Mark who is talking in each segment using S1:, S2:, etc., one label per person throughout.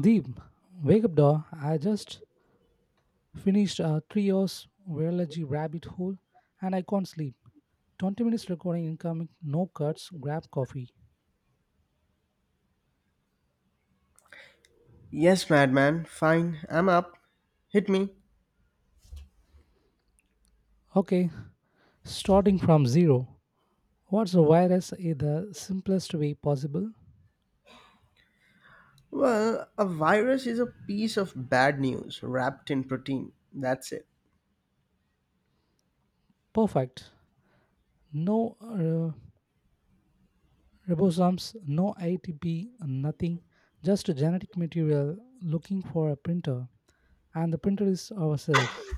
S1: Deep, wake up, dog. I just finished a 3 hours virology rabbit hole and I can't sleep. 20 minutes recording incoming, no cuts, grab coffee.
S2: Yes, madman. Fine, I'm up. Hit me.
S1: Okay, starting from zero. What's a virus in the simplest way possible?
S2: Well, a virus is a piece of bad news wrapped in protein. That's it.
S1: Perfect. No ribosomes, no ATP, nothing. Just a genetic material looking for a printer. And the printer is ourselves.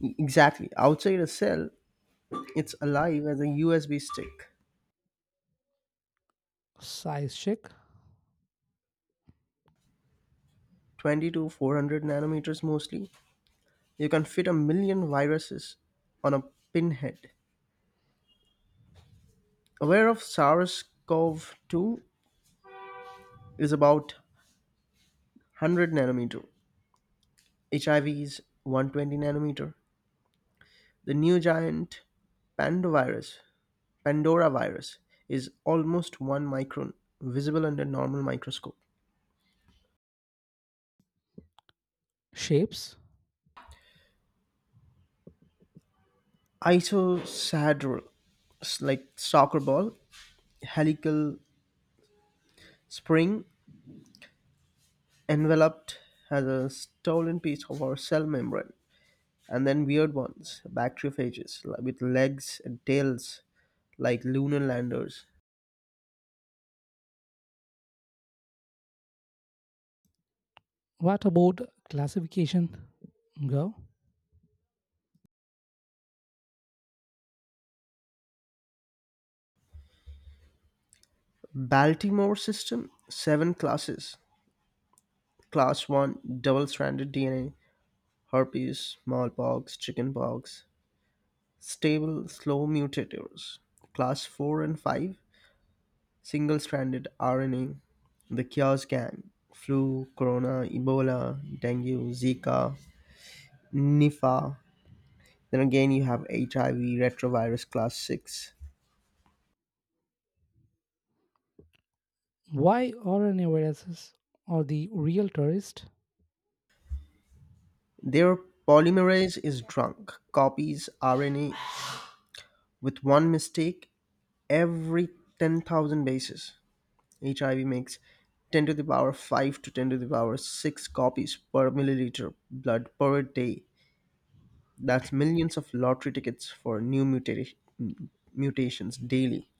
S2: Exactly. Outside a cell, it's alive as a USB stick.
S1: Size check,
S2: 20 to 400 nanometers mostly. You can fit a million viruses on a pinhead. Aware of SARS CoV 2 is about 100 nanometer. HIV is 120 nanometer. The new giant pandovirus Pandora virus is almost 1 micron, visible under normal microscope.
S1: shapes,
S2: Isosadrol, like soccer ball, helical spring, enveloped as a stolen piece of our cell membrane. And then weird ones, bacteriophages, with legs and tails like lunar landers.
S1: what about classification, Gaurav?
S2: Baltimore system, seven classes. Class 1, double stranded DNA, herpes, smallpox, chickenpox, stable, slow mutators. Class 4 and 5, single stranded RNA. The Chaos Gang. Flu, Corona, Ebola, Dengue, Zika, Nipah. Then again, you have HIV, retrovirus class 6.
S1: Why are viruses or the real tourist?
S2: Their polymerase is drunk, copies RNA with one mistake every 10,000 bases. HIV makes 10 to the power 5 to 10 to the power 6 copies per milliliter blood per day. That's millions of lottery tickets for new mutations daily.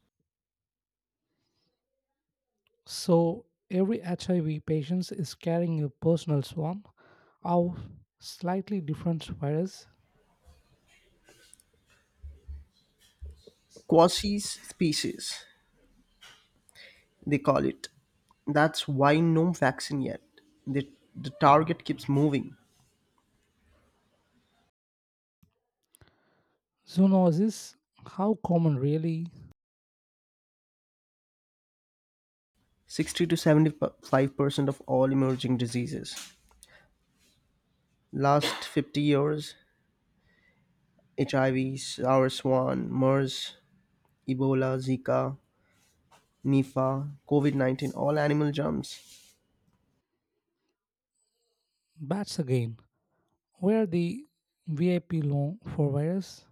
S1: So every HIV patient is carrying a personal swarm of slightly different virus.
S2: Quasi species, they call it. That's why no vaccine yet. The, the target keeps moving.
S1: Zoonosis, how common really?
S2: 60 to 75% of all emerging diseases. Last 50 years, HIV, sour swan, MERS, Ebola, Zika, Nipah, COVID 19, all animal germs.
S1: Bats again. Where the VIP long for virus?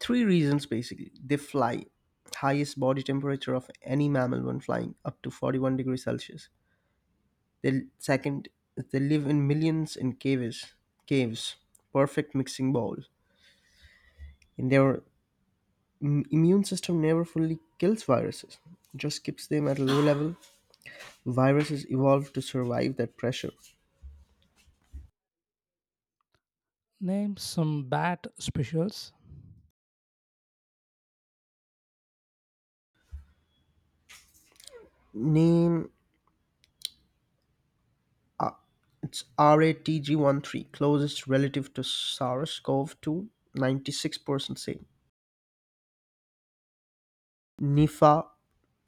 S2: Three reasons basically. They fly, highest body temperature of any mammal when flying, up to 41 degrees Celsius. They, second, they live in millions in caves, caves, perfect mixing bowl. And their immune system never fully kills viruses, just keeps them at a low level. Viruses evolve to survive that pressure.
S1: Name some bat specials.
S2: Name it's RATG13, closest relative to SARS CoV two, 96% same. Nipah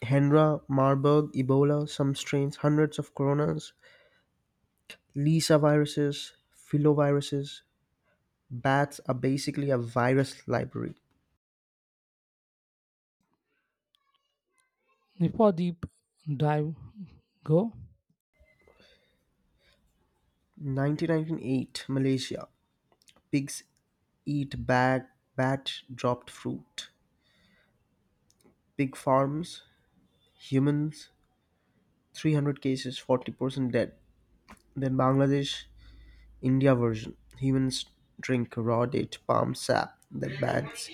S2: Hendra, Marburg, Ebola, some strains, hundreds of coronas, Lisa viruses, filoviruses. Bats are basically a virus library.
S1: Nipodeep dive go.
S2: 1998 Malaysia. Pigs eat bag, bat dropped fruit. Pig farms. Humans. 300 cases, 40% dead. Then Bangladesh, India version. Humans drink raw date palm sap that bats.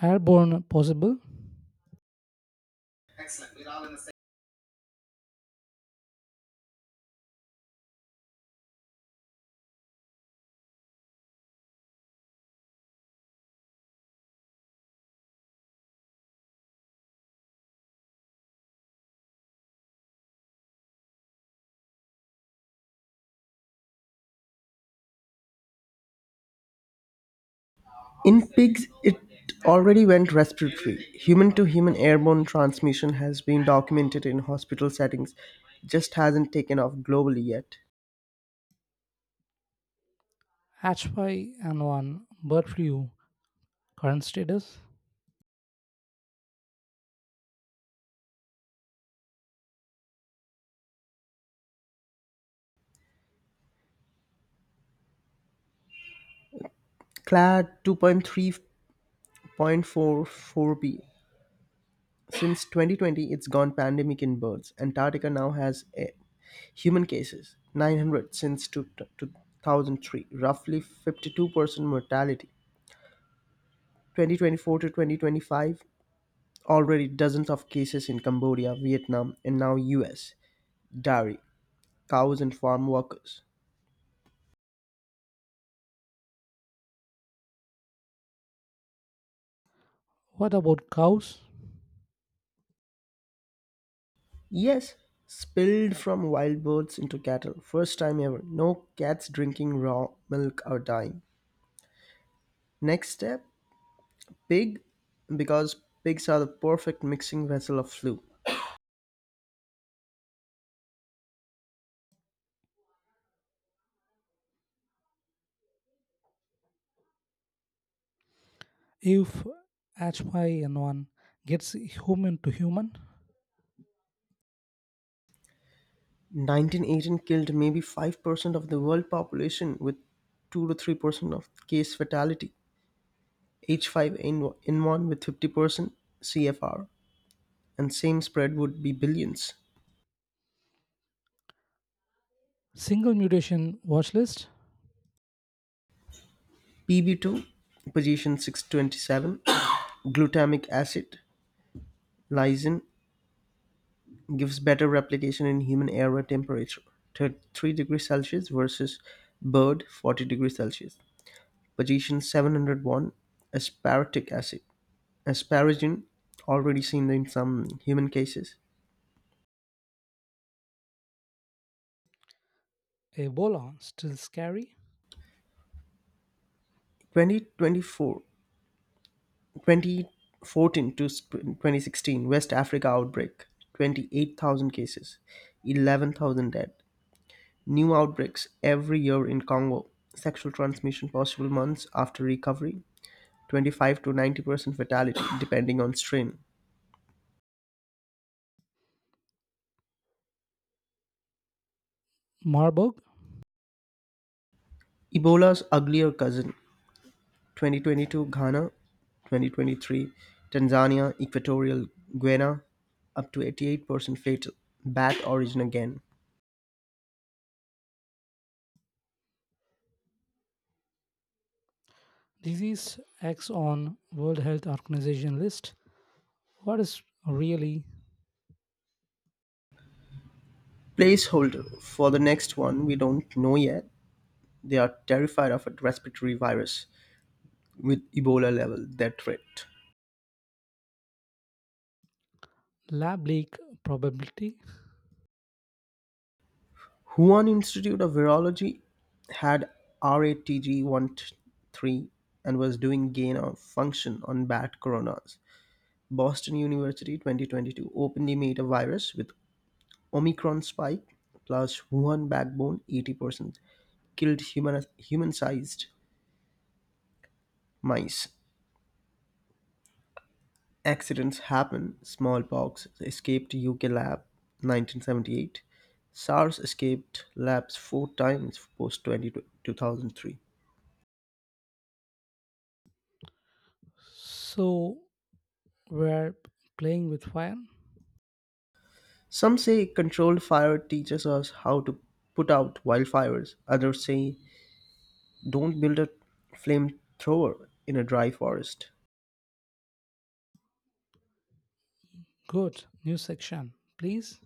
S1: Airborne possible.
S2: In pigs, it already went respiratory. Human to human airborne transmission has been documented in hospital settings, just hasn't taken off globally yet.
S1: H5N1 bird flu current status.
S2: Clad 2.3.44b. Since 2020, it's gone pandemic in birds. Antarctica now has a human cases, 900 since 2003, roughly 52% mortality. 2024 to 2025, already dozens of cases in Cambodia, Vietnam, and now US. Dairy, cows, and farm workers.
S1: What about cows?
S2: Yes, spilled from wild birds into cattle. First time ever. No cats drinking raw milk or dying. Next step pig, because pigs are the perfect mixing vessel of flu.
S1: If H5N1 gets human to human,
S2: 1918 killed maybe 5% of the world population with 2 to 3% of case fatality. H5N1 with 50% CFR, and same spread would be billions.
S1: single mutation watch list,
S2: PB2, position 627, glutamic acid, lysine, gives better replication in human air temperature, 33 degrees Celsius versus bird 40 degrees Celsius. Position 701, aspartic acid, asparagine, already seen in some human cases.
S1: Ebola still scary,
S2: twenty twenty four 2014 to 2016, West Africa outbreak, 28,000 cases, 11,000 dead. New outbreaks every year in Congo. Sexual transmission possible months after recovery. 25 to 90% fatality depending on strain.
S1: Marburg
S2: Ebola's uglier cousin. 2022 Ghana, 2023 Tanzania, Equatorial Guinea, up to 88% fatal. Bat origin again.
S1: disease X on World Health Organization list. What is really
S2: Placeholder for the next one we don't know yet. They are terrified of a respiratory virus with Ebola level, their threat.
S1: lab leak probability?
S2: Huan Institute of Virology had RATG13 and was doing gain of function on bat coronas. Boston University 2022 openly made a virus with Omicron spike plus Wuhan backbone 80% killed human-sized mice. Accidents happen. Smallpox escaped UK lab 1978. SARS escaped labs four times post 2003.
S1: So we're playing with fire.
S2: Some say controlled fire teaches us how to put out wildfires. Others say don't build a flamethrower in a dry forest.
S1: Good new section, please.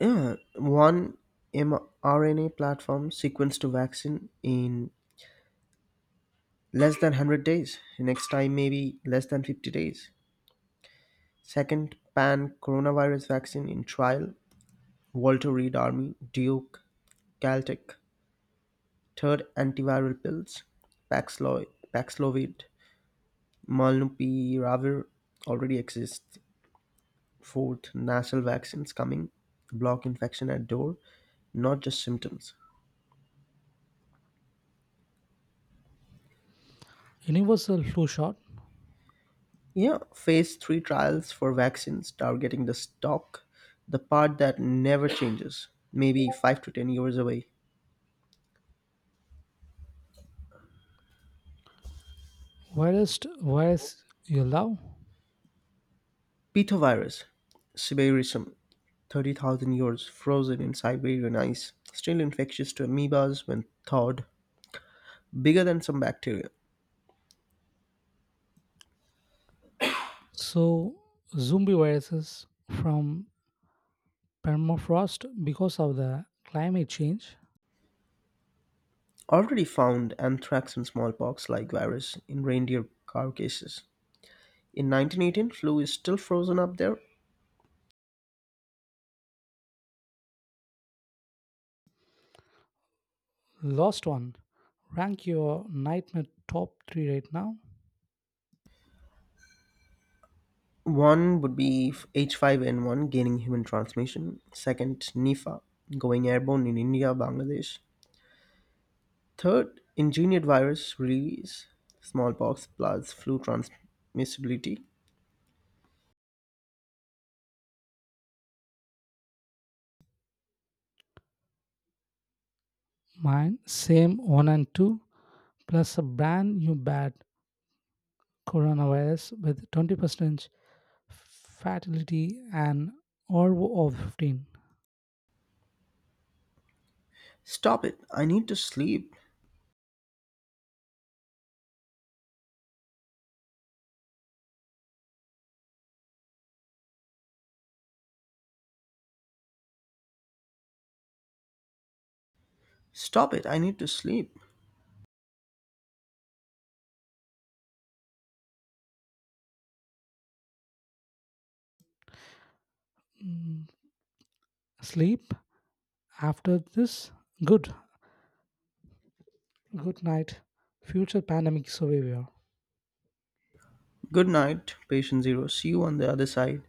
S2: Yeah, one mRNA platform sequenced to vaccine in less than 100 days. Next time, maybe less than 50 days. Second, pan coronavirus vaccine in trial. Walter Reed Army, Duke, Caltech. Third, antiviral pills, Paxlo- Paxlovid. Molnupiravir already exists. Fourth, nasal vaccines coming block infection at door, not just symptoms.
S1: Universal flu shot.
S2: Yeah, phase three trials for vaccines targeting the stalk, the part that never changes, maybe 5 to 10 years away.
S1: Virus you love.
S2: Pitovirus, Siberisum, 30,000 years frozen in Siberian ice, still infectious to amoebas when thawed, bigger than some bacteria.
S1: So zombie viruses from permafrost because of the climate change.
S2: Already found anthrax and smallpox like virus in reindeer carcasses. In 1918, flu is still frozen up there.
S1: Lost one. Rank your nightmare top three right now.
S2: One would be H5N1 gaining human transmission, second, Nipah going airborne in India, Bangladesh, third, engineered virus release, smallpox plus flu transmissibility.
S1: Mine same one and two plus a brand new bad coronavirus with 20% fatality and RO of 15.
S2: Stop it, I need to sleep. Stop it, I need to sleep.
S1: Sleep after this. Good. Good night. Future pandemic survivor.
S2: Good night, patient zero. See you on the other side.